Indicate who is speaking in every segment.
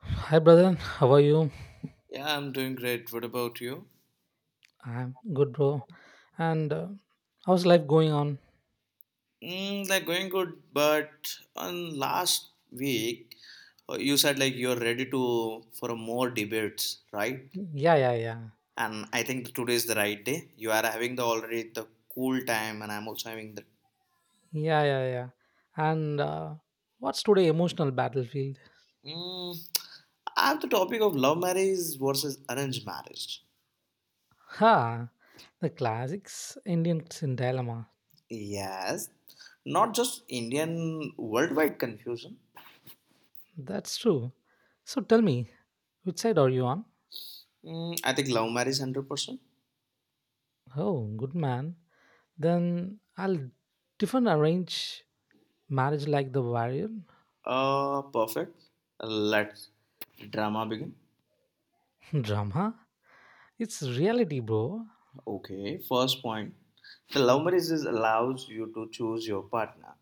Speaker 1: Hi, brother. How are you?
Speaker 2: Yeah, I'm doing great. What about you?
Speaker 1: I'm good, bro. And how's life going on?
Speaker 2: Like going good, but on last week you said like you're ready to for more debates, right?
Speaker 1: Yeah, yeah, yeah.
Speaker 2: And I think today is the right day. You are having the already the cool time, and I'm also having the.
Speaker 1: Yeah, yeah, yeah. And what's today emotional battlefield?
Speaker 2: Mm, I have the topic of love marriage versus arranged marriage.
Speaker 1: Ha! The classics Indians in dilemma.
Speaker 2: Yes, not just Indian worldwide confusion.
Speaker 1: That's true. So tell me, which side are you on?
Speaker 2: I think love marriage 100%
Speaker 1: Oh, good man. Then I'll different arrange marriage like the warrior
Speaker 2: Perfect. Let drama begin.
Speaker 1: drama. It's reality, bro.
Speaker 2: Okay, first point. The love marriage is allows you to choose your partner.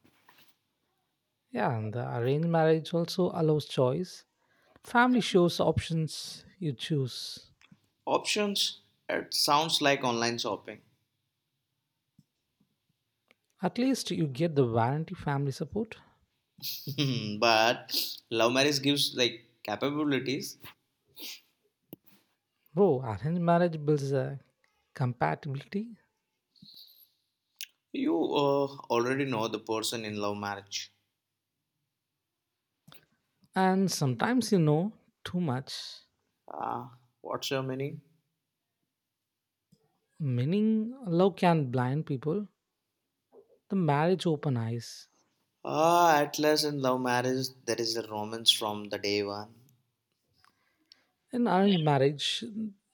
Speaker 1: Yeah, and the arranged marriage also allows choice. Family shows options you choose.
Speaker 2: Options. It sounds like online shopping.
Speaker 1: At least you get the warranty family support.
Speaker 2: But love marriage gives like capabilities.
Speaker 1: Bro, arranged marriage builds a compatibility.
Speaker 2: You already know the person in love marriage.
Speaker 1: And sometimes you know too much.
Speaker 2: Uh, what's your meaning?
Speaker 1: Meaning, love can blind people. The marriage open eyes.
Speaker 2: Ah, at last in love marriage, there is a romance from the day one.
Speaker 1: In arranged marriage,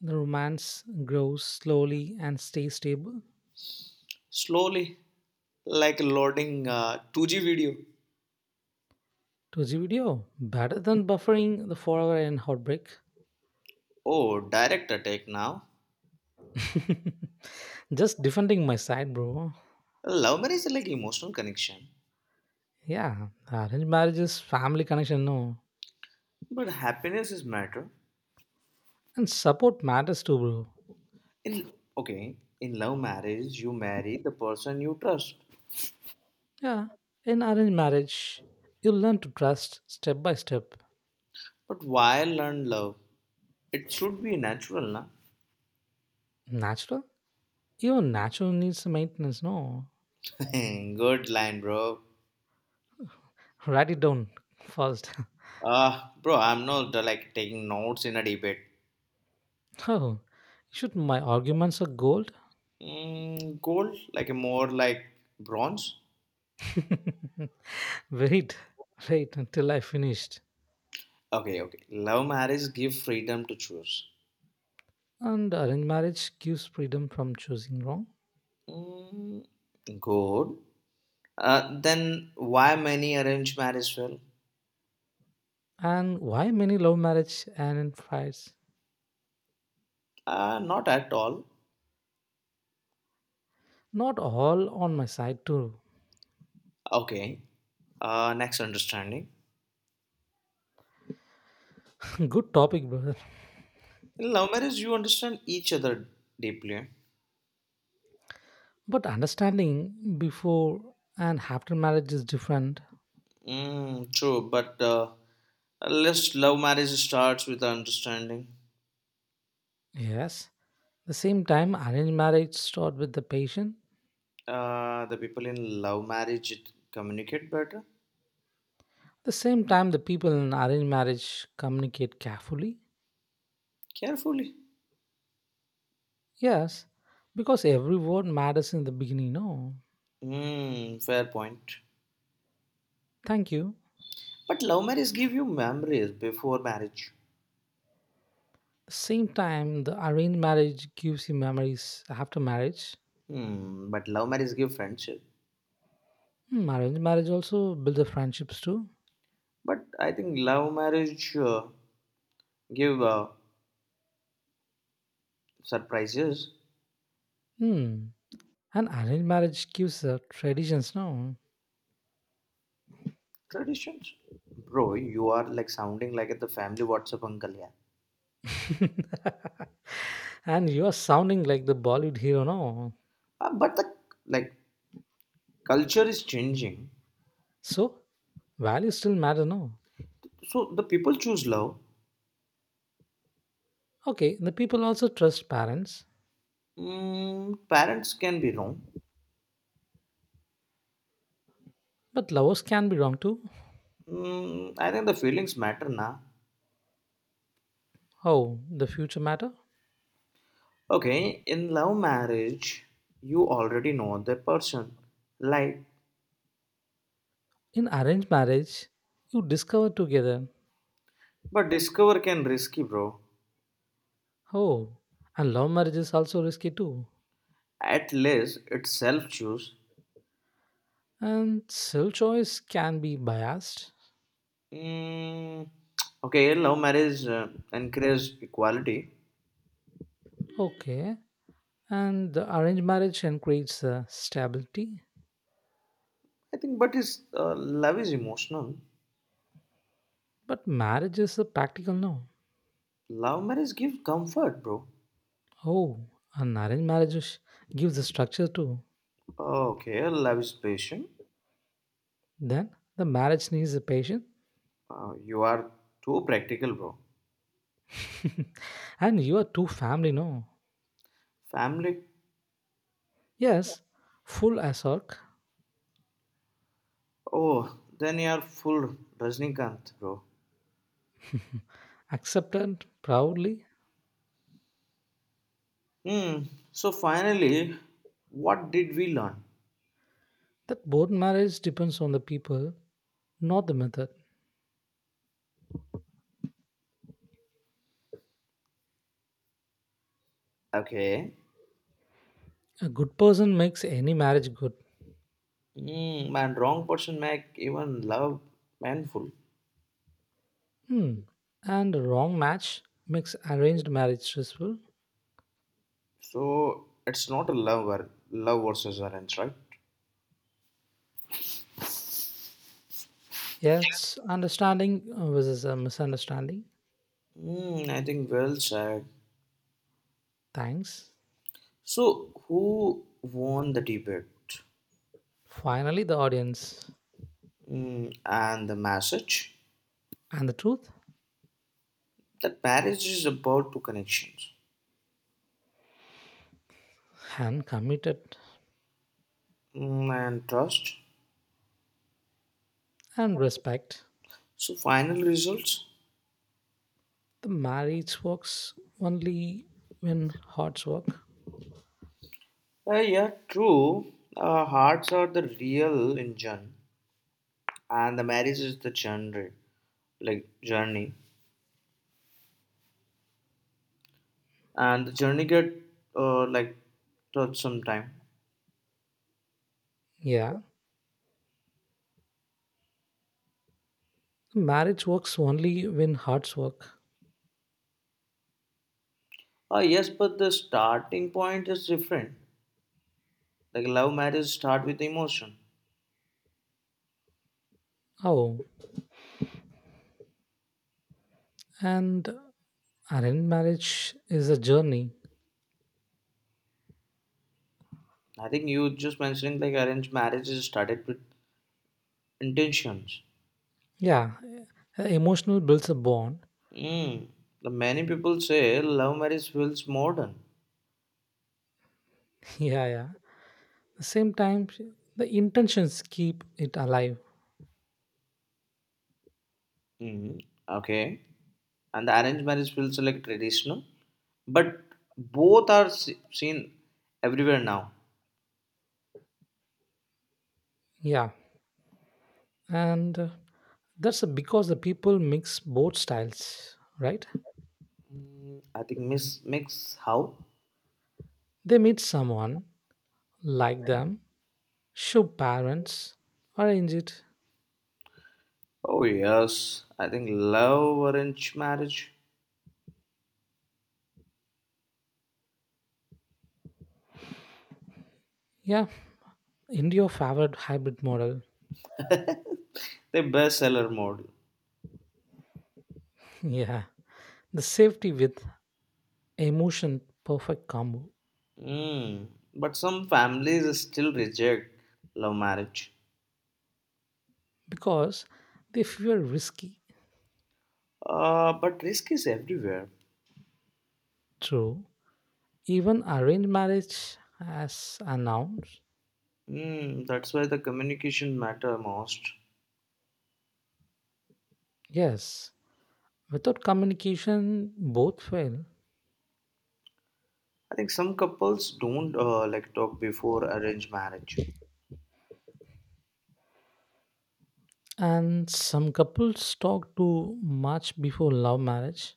Speaker 1: the romance grows slowly and stays stable.
Speaker 2: Slowly, like loading 2G video.
Speaker 1: To the video, better than buffering the forever and heartbreak.
Speaker 2: Oh, direct attack now.
Speaker 1: Just defending my side, bro.
Speaker 2: Love marriage is like emotional connection,
Speaker 1: Yeah, arranged marriages, family connection, no.
Speaker 2: but happiness is matter.
Speaker 1: And support matters too, bro.
Speaker 2: In okay, in love marriage, you marry the person you trust.
Speaker 1: Yeah, in arranged marriage, you learn to trust step by step.
Speaker 2: But why learn love? It should be natural, na?
Speaker 1: Natural? Even natural needs maintenance, no.
Speaker 2: Good line, bro.
Speaker 1: Write it down first.
Speaker 2: Ah, bro, I'm not like taking notes in a debate.
Speaker 1: oh, should my arguments are gold?
Speaker 2: Mm, gold, like more like bronze.
Speaker 1: Wait, wait until I finished.
Speaker 2: Okay, okay. Love marriage give freedom to choose.
Speaker 1: And arranged marriage gives freedom from choosing wrong.
Speaker 2: Mm, gold. Then why many arranged marriage fail?
Speaker 1: And why many love marriage and in fights?
Speaker 2: Not at all.
Speaker 1: Not all on my side too.
Speaker 2: Okay. Next understanding.
Speaker 1: Good topic, brother.
Speaker 2: In love marriage, you understand each other deeply.
Speaker 1: But understanding before and after marriage is different.
Speaker 2: True, but unless love marriage starts with understanding,
Speaker 1: Yes. The same time, arranged marriage start with the patient.
Speaker 2: the people in love marriage communicate better,
Speaker 1: The same time, the people in arranged marriage communicate carefully.
Speaker 2: carefully.
Speaker 1: Yes, because every word matters in the beginning. No,
Speaker 2: Mm, fair point.
Speaker 1: thank you.
Speaker 2: But love marriage give you memories before marriage.
Speaker 1: Same time, the arranged marriage gives you memories after marriage.
Speaker 2: Hmm, but love marriage give friendship.
Speaker 1: Hmm, arranged marriage also builds the friendships too.
Speaker 2: But I think love marriage give surprises
Speaker 1: Hmm. And arranged marriage gives the traditions, no?
Speaker 2: traditions. Bro, you are like sounding like the family WhatsApp uncle, yeah.
Speaker 1: And you are sounding like the Bollywood hero, no?
Speaker 2: But the like culture is changing,
Speaker 1: So, values still matter now.
Speaker 2: so the people choose love.
Speaker 1: Okay, the people also trust parents,
Speaker 2: Parents can be wrong.
Speaker 1: but lovers can be wrong too.
Speaker 2: I think the feelings matter, na?
Speaker 1: How the future matter?
Speaker 2: Okay, in love marriage you already know the person like
Speaker 1: In arranged marriage, you discover together.
Speaker 2: but discover can risky, bro.
Speaker 1: Oh, and love marriage is also risky too.
Speaker 2: At least it's self choose.
Speaker 1: And self choice can be biased.
Speaker 2: Mm, okay, love marriage encourages equality.
Speaker 1: Okay, and the arranged marriage encourages stability,
Speaker 2: I think, but is love is emotional.
Speaker 1: but marriage is a practical no.
Speaker 2: Love marriage gives comfort, bro.
Speaker 1: Oh, an arranged marriage gives a structure too.
Speaker 2: Okay, love is patient.
Speaker 1: Then the marriage needs a patient.
Speaker 2: You are too practical, bro.
Speaker 1: And you are too family, no?
Speaker 2: Family.
Speaker 1: Yes, full asark,
Speaker 2: Oh, then you are full Rajnikant, bro.
Speaker 1: accepted proudly
Speaker 2: Hmm. So finally, what did we learn?
Speaker 1: that both marriage depends on the people, not the method.
Speaker 2: Okay.
Speaker 1: A good person makes any marriage good.
Speaker 2: Hmm. Man, wrong person make even love painful.
Speaker 1: Hmm. And a wrong match makes arranged marriage stressful.
Speaker 2: So it's not a love versus arrange, right?
Speaker 1: Yes, understanding versus a misunderstanding.
Speaker 2: Mm, I think well said.
Speaker 1: Thanks.
Speaker 2: So who won the debate?
Speaker 1: Finally, the audience
Speaker 2: Mm, and the message
Speaker 1: and the truth
Speaker 2: that marriage is about two connections.
Speaker 1: and committed
Speaker 2: And trust.
Speaker 1: and respect.
Speaker 2: So final results.
Speaker 1: The marriage works only when hearts work.
Speaker 2: Yeah, true. Hearts are the real engine, and the marriage is the journey, like journey, and the journey get like touched sometime.
Speaker 1: Yeah, marriage works only when hearts work.
Speaker 2: Ah, yes, but the starting point is different. Like love marriage start with emotion.
Speaker 1: Oh, and arranged marriage is a journey.
Speaker 2: I think you just mentioning like arranged marriage is started with intentions.
Speaker 1: Yeah, emotional builds a bond.
Speaker 2: Mm. The many people say love marriage feels modern.
Speaker 1: Yeah, yeah. At the same time, the intentions keep it alive.
Speaker 2: Mm. Okay, and the arranged marriage feels like traditional, but both are seen everywhere now.
Speaker 1: Yeah, and that's because the people mix both styles, right?
Speaker 2: I think miss mix how?
Speaker 1: They meet someone like them, show parents, arrange it.
Speaker 2: Oh yes, I think love arranged marriage,
Speaker 1: Yeah, India favored hybrid model.
Speaker 2: the bestseller model.
Speaker 1: Yeah. The safety with emotion perfect combo
Speaker 2: Mm. But some families still reject love marriage.
Speaker 1: because they feel risky.
Speaker 2: But risk is everywhere.
Speaker 1: True. Even arranged marriage as announced.
Speaker 2: That's why the communication matter most.
Speaker 1: Yes. Without communication, both fail.
Speaker 2: I think some couples don't like talk before arranged marriage.
Speaker 1: And some couples talk too much before love marriage.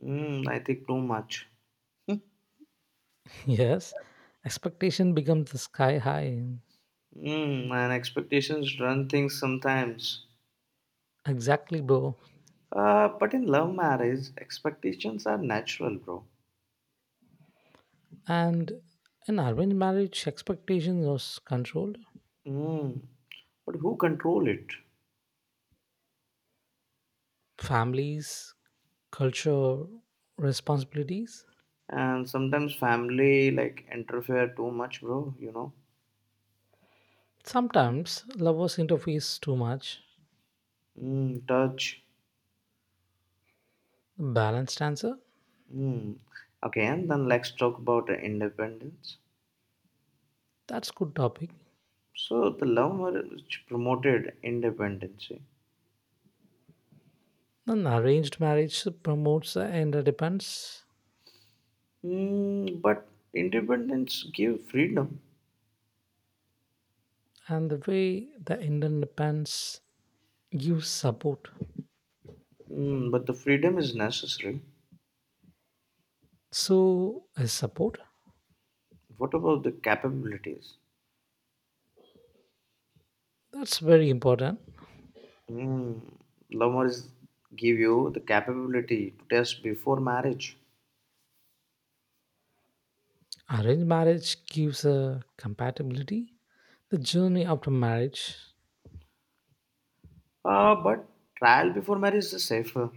Speaker 2: I think too much.
Speaker 1: Yes. Expectation becomes the sky high.
Speaker 2: And expectations run things sometimes.
Speaker 1: Exactly, bro.
Speaker 2: But in love marriage, expectations are natural, bro.
Speaker 1: And in arranged marriage, expectations was controlled
Speaker 2: Mm, but who control it?
Speaker 1: families, culture, responsibilities.
Speaker 2: And sometimes family like interfere too much, bro. You know.
Speaker 1: Sometimes lovers interface too much.
Speaker 2: Mm, touch.
Speaker 1: Balanced answer?
Speaker 2: Mm. Okay, and then let's talk about independence.
Speaker 1: That's good topic.
Speaker 2: So the love marriage promoted independence.
Speaker 1: An arranged marriage promotes the interdependence
Speaker 2: But independence give freedom.
Speaker 1: and the way the interdependence gives support.
Speaker 2: But the freedom is necessary.
Speaker 1: So is support.
Speaker 2: What about the capabilities?
Speaker 1: That's very important.
Speaker 2: Mm, love marriage give you the capability to test before marriage.
Speaker 1: Arranged marriage gives a compatibility. The journey after marriage
Speaker 2: But trial before marriage is safer.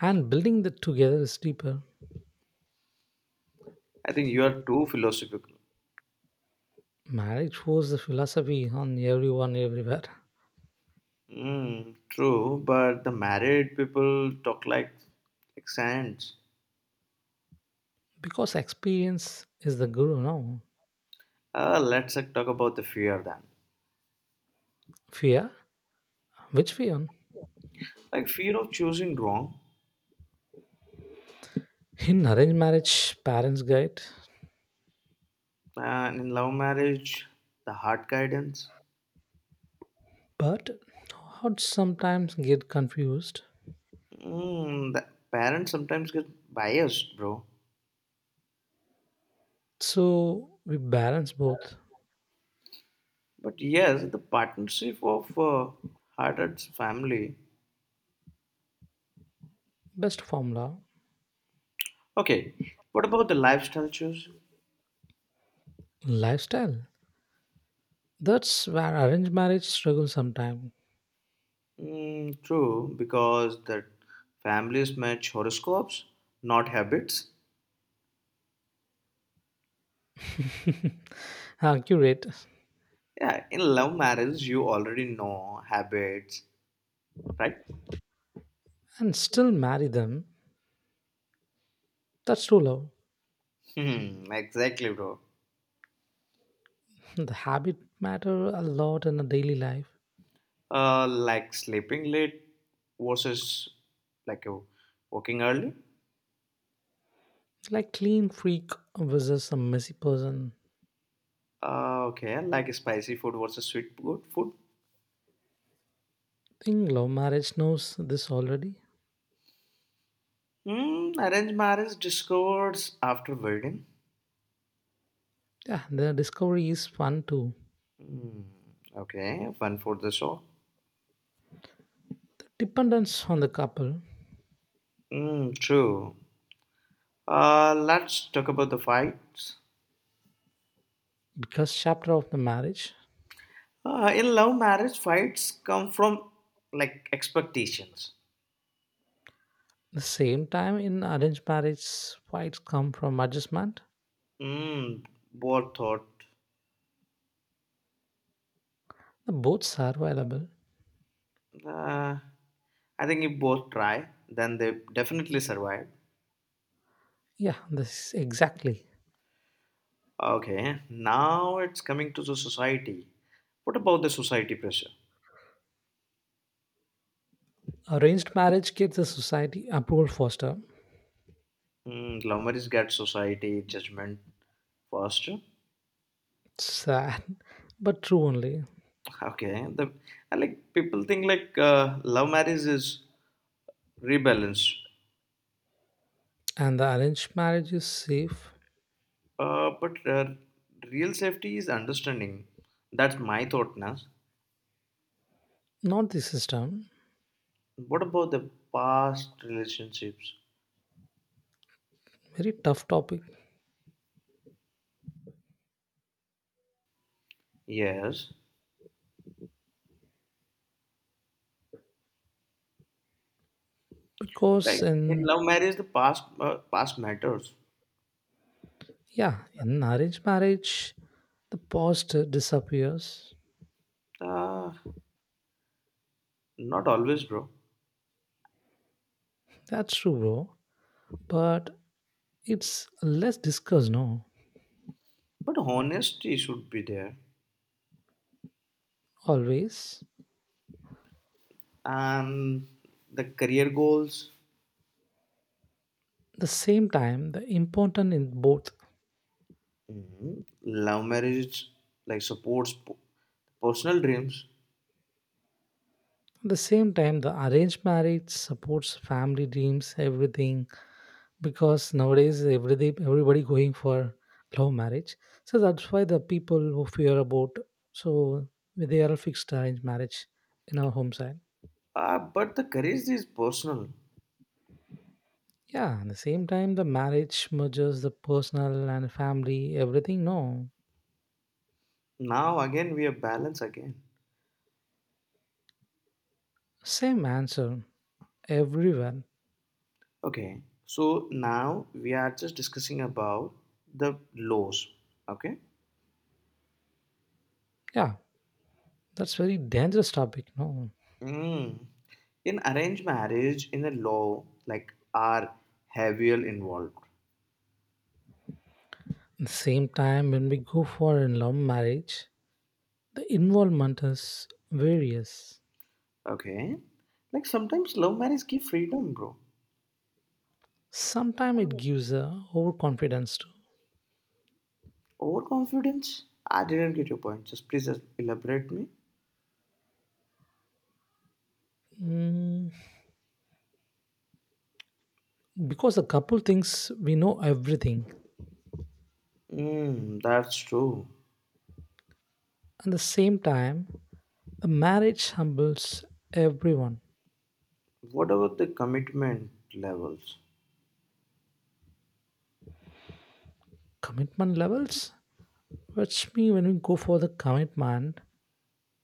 Speaker 1: and building that together is deeper.
Speaker 2: I think you are too philosophical.
Speaker 1: Marriage forced the philosophy on everyone everywhere.
Speaker 2: True, but the married people talk like saints.
Speaker 1: Because experience is the guru, no?
Speaker 2: Let's like, talk about the fear then.
Speaker 1: Fear? Which fear?
Speaker 2: Like fear of choosing wrong,
Speaker 1: In arranged marriage, parents guide,
Speaker 2: and in love marriage, the hard guidance.
Speaker 1: but hearts sometimes get confused.
Speaker 2: The parents sometimes get biased, bro.
Speaker 1: So we balance both.
Speaker 2: But yes, the partnership of hard family.
Speaker 1: Best formula,
Speaker 2: Okay, what about the lifestyle choice?
Speaker 1: lifestyle. That's where arranged marriage struggles sometimes.
Speaker 2: True, because that families match horoscopes, not habits.
Speaker 1: Accurate.
Speaker 2: Yeah, in love marriage, you already know habits, right?
Speaker 1: And still marry them. That's true love.
Speaker 2: Hmm, exactly, bro.
Speaker 1: The habit matter a lot in a daily life.
Speaker 2: Like sleeping late versus like working early.
Speaker 1: Like clean freak versus a messy person.
Speaker 2: Okay, like spicy food versus sweet good food.
Speaker 1: Think love marriage knows this already.
Speaker 2: Hmm, arranged marriage discords after wedding.
Speaker 1: Yeah, the discovery is fun too.
Speaker 2: Hmm, okay, fun for the show.
Speaker 1: Dependence on the couple
Speaker 2: Hmm, true. Let's talk about the fights.
Speaker 1: because chapter of the marriage.
Speaker 2: In love marriage, fights come from like expectations.
Speaker 1: The same time in arranged marriage fights come from adjustment.
Speaker 2: Mm, both thought.
Speaker 1: The both are available.
Speaker 2: Uh, I think if both try, then they definitely survive.
Speaker 1: Yeah, this is exactly.
Speaker 2: Okay, now it's coming to the society. What about the society pressure?
Speaker 1: Arranged marriage gets the society approval faster.
Speaker 2: Love marriage gets society judgment first.
Speaker 1: Sad, but true only.
Speaker 2: Okay, the I like people think like love marriage is rebalanced,
Speaker 1: And the arranged marriage is safe,
Speaker 2: but real safety is understanding. That's my thought, Nas.
Speaker 1: not the system.
Speaker 2: What about the past relationships?
Speaker 1: Very tough topic.
Speaker 2: Yes. Like
Speaker 1: Because
Speaker 2: in
Speaker 1: in
Speaker 2: love marriage, the past matters.
Speaker 1: yeah, in arranged marriage, the past disappears.
Speaker 2: Uh, not always, bro.
Speaker 1: That's true, bro. But it's less discussed, no?
Speaker 2: But honesty should be there,
Speaker 1: Always.
Speaker 2: and the career goals.
Speaker 1: The same time, the important in both.
Speaker 2: Mhm. Love marriage like supports personal dreams.
Speaker 1: At the same time, the arranged marriage supports family dreams, everything. Because nowadays, everything everybody going for love marriage. So that's why the people who fear about so they are fixed arranged marriage in our home side.
Speaker 2: But the courage is personal.
Speaker 1: Yeah, at the same time, the marriage merges the personal and family, everything. No,
Speaker 2: Now again, we are balanced again.
Speaker 1: same answer everywhere.
Speaker 2: Okay, so now we are just discussing about the lows. Okay,
Speaker 1: Yeah, that's very dangerous topic. No,
Speaker 2: mm. In arranged marriage, in a law, like are heavier involved.
Speaker 1: at the same time, when we go for in love marriage, the involvement is various.
Speaker 2: Okay. Like sometimes love marriage give freedom, bro.
Speaker 1: Sometimes it gives a overconfidence too,
Speaker 2: Overconfidence? I didn't get your point. Just please just elaborate me.
Speaker 1: Mm, because the couple thinks we know everything.
Speaker 2: Mm, that's true.
Speaker 1: At the same time, the marriage humbles everyone.
Speaker 2: What about the commitment levels?
Speaker 1: Commitment levels. Watch me when we go for the commitment.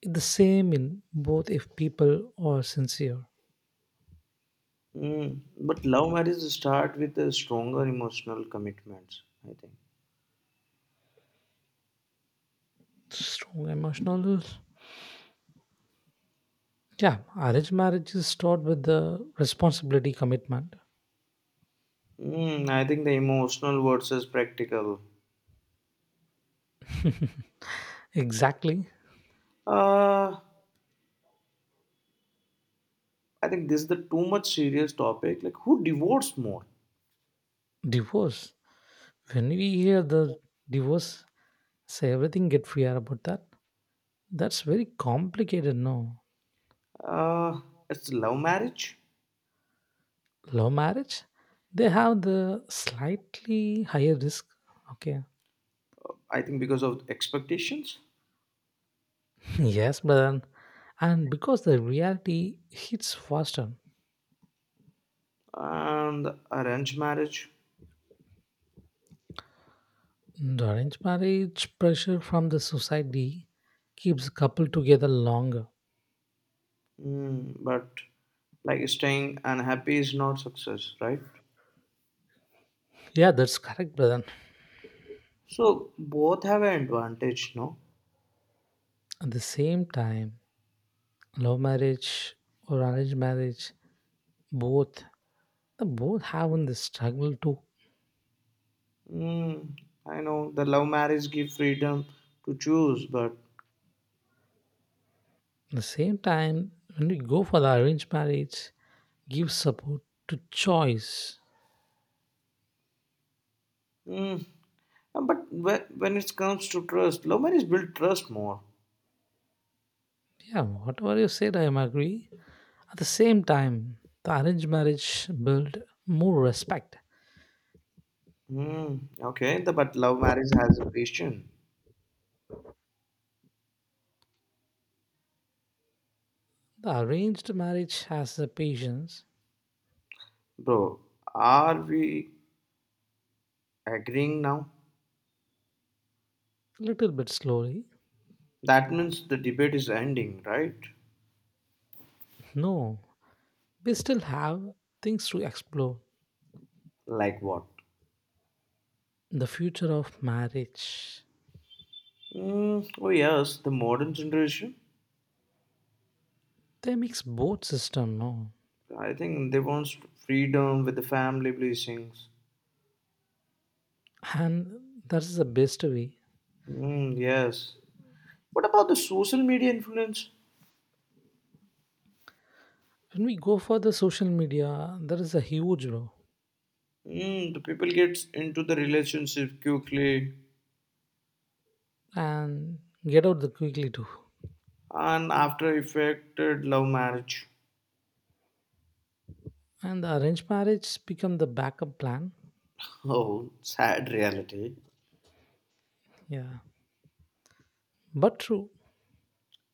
Speaker 1: It's the same in both if people are sincere.
Speaker 2: But love marriage start with the stronger emotional commitments, I think.
Speaker 1: Strong emotional. Yeah, arranged marriage is taught with the responsibility commitment.
Speaker 2: I think the emotional versus practical.
Speaker 1: Exactly.
Speaker 2: Uh, I think this is the too much serious topic. Like who divorced more?
Speaker 1: Divorce. When we hear the divorce, say everything get free are about that. That's very complicated, no?
Speaker 2: Uh, it's love marriage.
Speaker 1: Law marriage, they have the slightly higher risk. Okay.
Speaker 2: I think because of expectations
Speaker 1: Yes, brother. And because the reality hits faster.
Speaker 2: and arranged marriage.
Speaker 1: And Arranged marriage pressure from the society keeps couple together longer.
Speaker 2: But like staying unhappy is not success, right?
Speaker 1: Yeah, that's correct, brother.
Speaker 2: So both have an advantage, no?
Speaker 1: At the same time, love marriage or arranged marriage, both the both having the struggle too.
Speaker 2: Mm, I know the love marriage give freedom to choose, but
Speaker 1: At the same time, when we go for the arranged marriage, give support to choice.
Speaker 2: mm, but when it comes to trust, love marriage build trust more.
Speaker 1: Yeah, whatever you said, I am agree. At the same time, the arranged marriage build more respect.
Speaker 2: Okay, the, but love marriage has a patient.
Speaker 1: The arranged marriage has the patience.
Speaker 2: Bro, are we agreeing now?
Speaker 1: Little bit slowly.
Speaker 2: That means the debate is ending, right?
Speaker 1: No, we still have things to explore.
Speaker 2: Like what?
Speaker 1: The future of marriage.
Speaker 2: Oh yes, the modern generation.
Speaker 1: They mix both system, no?
Speaker 2: I think they want freedom with the family blessings.
Speaker 1: And that is the best way.
Speaker 2: Mm, yes. What about the social media influence?
Speaker 1: When we go for the social media, there is a huge no.
Speaker 2: The people get into the relationship quickly
Speaker 1: And get out the quickly too.
Speaker 2: and after affected love marriage.
Speaker 1: And the arranged marriage become the backup plan.
Speaker 2: Oh, sad reality.
Speaker 1: Yeah. But true.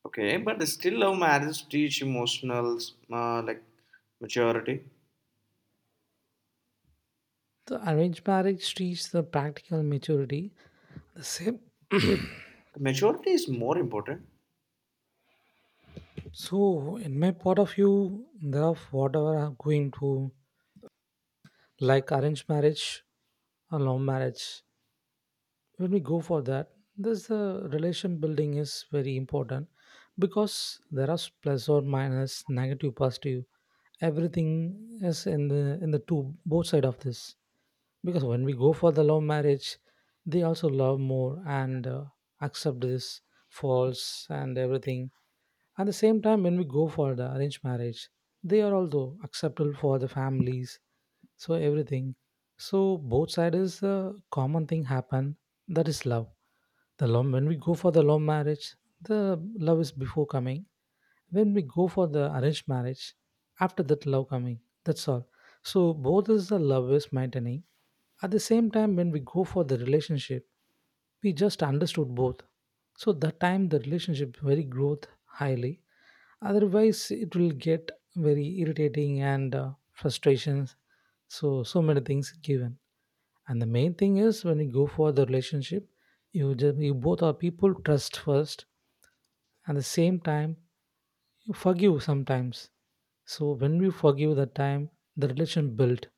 Speaker 2: Okay, but still, love marriage teach emotional, like maturity.
Speaker 1: The arranged marriage reaches the practical maturity. The same
Speaker 2: Maturity is more important.
Speaker 1: so in my point of view, there are whatever am going to like arranged marriage or love marriage when we go for that this the relation building is very important because there are plus or minus negative positive everything is in the two both side of this because when we go for the love marriage they also love more and accept this faults and everything at the same time when we go for the arranged marriage they are also acceptable for the families so everything so both sides is a common thing happen that is love the love when we go for the love marriage the love is before coming when we go for the arranged marriage after that love coming that's all so both is the love is maintaining at the same time, when we go for the relationship, we just understood both. So that time the relationship very growth highly. Otherwise, it will get very irritating and frustrations. So so many things given. And the main thing is when you go for the relationship, you both are people trust first. At the same time, you forgive sometimes so when we forgive that time the relation built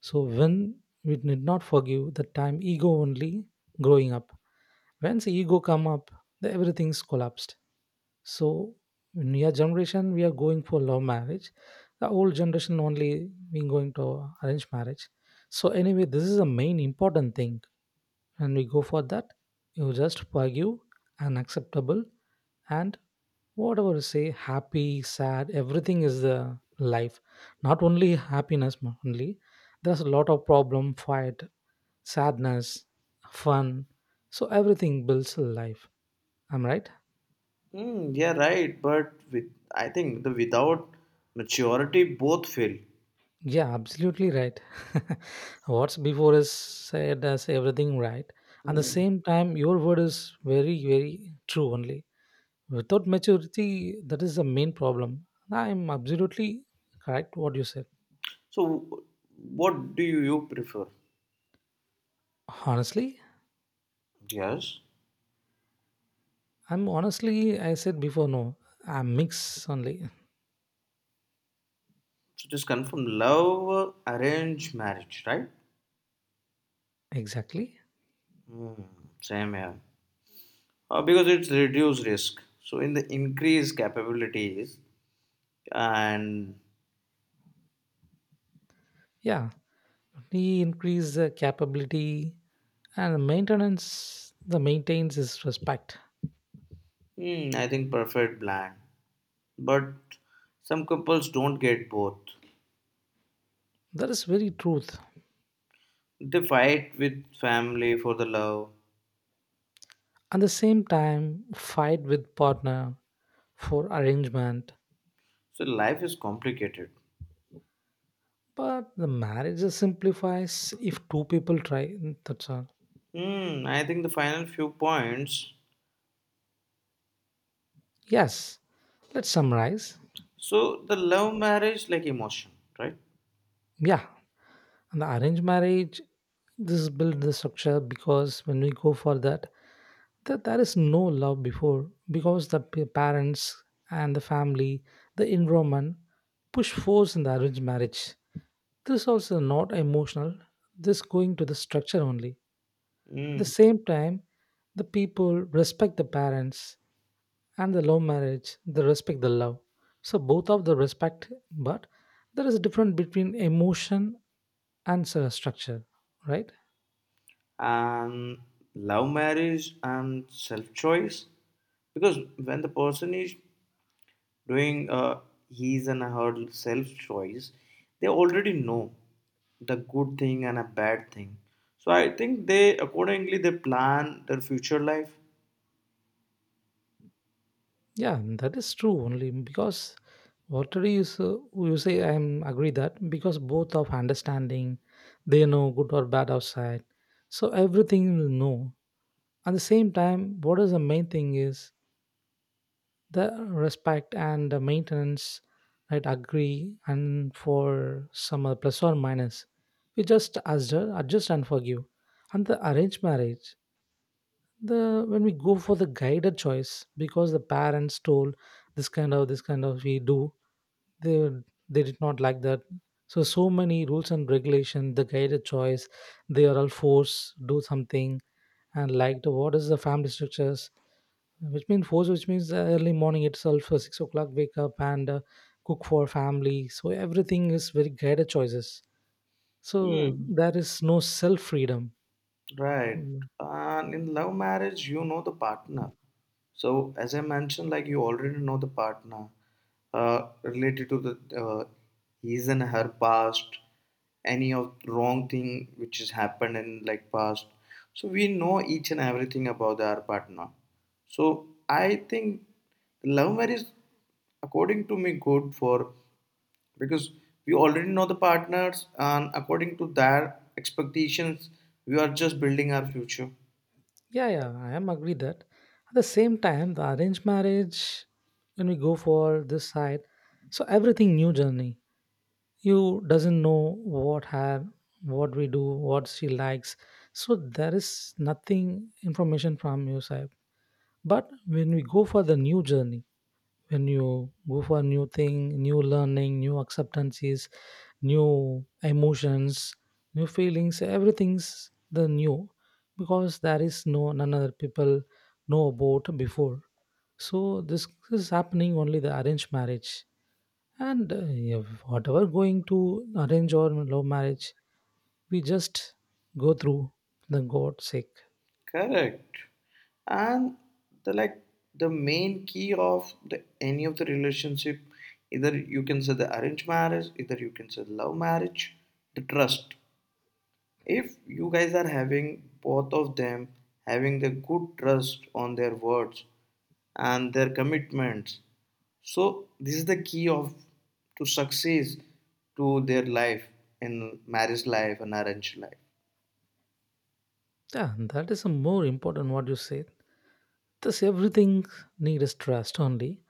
Speaker 1: so when we did not forgive that time ego only growing up once ego come up the everything's collapsed so in your generation we are going for love marriage the old generation only been going to arrange marriage so anyway this is the main important thing and we go for that you just forgive and acceptable and whatever you say happy sad everything is the life not only happiness only there's a lot of problem fight sadness fun so everything builds a life I'm right.
Speaker 2: Yeah, right. But with I think the without maturity, both fail.
Speaker 1: Yeah, absolutely right. What's before is said as everything right at the
Speaker 2: Mm.
Speaker 1: same time your word is very very true only without maturity that is the main problem. I'm absolutely correct what you said
Speaker 2: So, what do you prefer?
Speaker 1: honestly.
Speaker 2: Yes.
Speaker 1: I'm honestly, I said before, no, I'm mix only.
Speaker 2: So just confirm love arrange marriage, right?
Speaker 1: Exactly.
Speaker 2: Mm, same here. Because it's reduce risk. So in the increase capabilities and
Speaker 1: Yeah, we increase the capability and maintenance. The maintains is respect.
Speaker 2: mm, I think perfect blend. But some couples don't get both.
Speaker 1: That is very truth.
Speaker 2: They fight with family for the love.
Speaker 1: At the same time, fight with partner for arrangement.
Speaker 2: So life is complicated.
Speaker 1: But the marriage is simplifies if two people try. That's all.
Speaker 2: Hmm, I think the final few points.
Speaker 1: Yes. Let's summarize.
Speaker 2: So the love marriage like emotion, right?
Speaker 1: Yeah, and the arranged marriage, this build the structure because when we go for that that there is no love before because the parents and the family, the environment push force in the arranged marriage. This also not emotional, this going to the structure only. At the
Speaker 2: Hmm.
Speaker 1: same time, the people respect the parents and the love marriage, they respect the love. So both of the respect, but there is a difference between emotion and structure, right?
Speaker 2: And love marriage and self choice. Because when the person is doing his and her self choice, they already know the good thing and a bad thing. So I think they accordingly they plan their future life.
Speaker 1: Yeah, that is true only because whatever you, so, you say, I am agree that because both of understanding, they know good or bad outside. So everything will know. At the same time, what is the main thing is the respect and the maintenance, right? Agree and for some plus or minus, we just adjust, adjust and forgive. And the arranged marriage, the when we go for the guided choice because the parents told this kind of we do they they did not like that so many rules and regulation the guided choice they are all force do something and like the what is the family structures which means force which means early morning itself 6 o'clock wake up and cook for family so everything is very guided choices so
Speaker 2: Hmm.
Speaker 1: there is no self freedom.
Speaker 2: Right. And in love marriage, you know the partner. So, as I mentioned, like you already know the partner related to the his and her past, any of wrong thing which has happened in like past. So we know each and everything about our partner. So I think love marriage, according to me, good for because we already know the partners, and according to their expectations we are just building our future
Speaker 1: Yeah, yeah, I am agree that. At the same time, the arranged marriage, when we go for this side, so everything new journey. You doesn't know what have, what we do, what she likes. So there is nothing information from your side. But when we go for the new journey, when you go for new thing new learning new acceptances new emotions new feelings everything's the new because there is no none other people know about before so this is happening only the arranged marriage and if whatever going to arrange or love marriage we just go through the god's sake.
Speaker 2: correct. And the like the main key of the any of the relationship, either you can say the arranged marriage, either you can say love marriage, the trust, if you guys are having both of them having the good trust on their words and their commitments, so this is the key of to success to their life in marriage life and arranged life.
Speaker 1: Yeah, that is a more important what you said thus everything need is trust only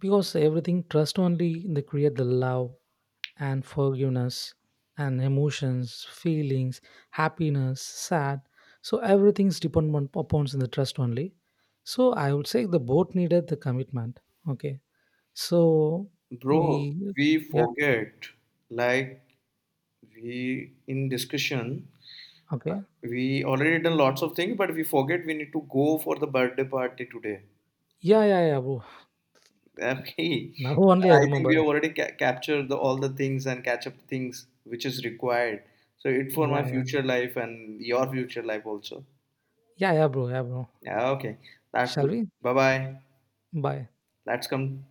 Speaker 1: because everything trust only they create the love and forgiveness and emotions feelings happiness sad so everything's dependent upon the trust only so I would say the both needed the commitment. Okay, so
Speaker 2: Bro,
Speaker 1: we
Speaker 2: we
Speaker 1: yeah
Speaker 2: forget, like we in discussion,
Speaker 1: okay,
Speaker 2: we already done lots of things, but we forget we need to go for the birthday party today.
Speaker 1: yeah, yeah, yeah, bro.
Speaker 2: Okay,
Speaker 1: Now only I
Speaker 2: I think
Speaker 1: remember,
Speaker 2: we have already captured the, all the things and catch up things which is required. So it for
Speaker 1: yeah,
Speaker 2: my
Speaker 1: yeah,
Speaker 2: future life and your future life also.
Speaker 1: yeah, yeah, bro, yeah, bro,
Speaker 2: Yeah, okay. That's
Speaker 1: shall
Speaker 2: good.
Speaker 1: we,
Speaker 2: Bye bye.
Speaker 1: bye
Speaker 2: Let's come.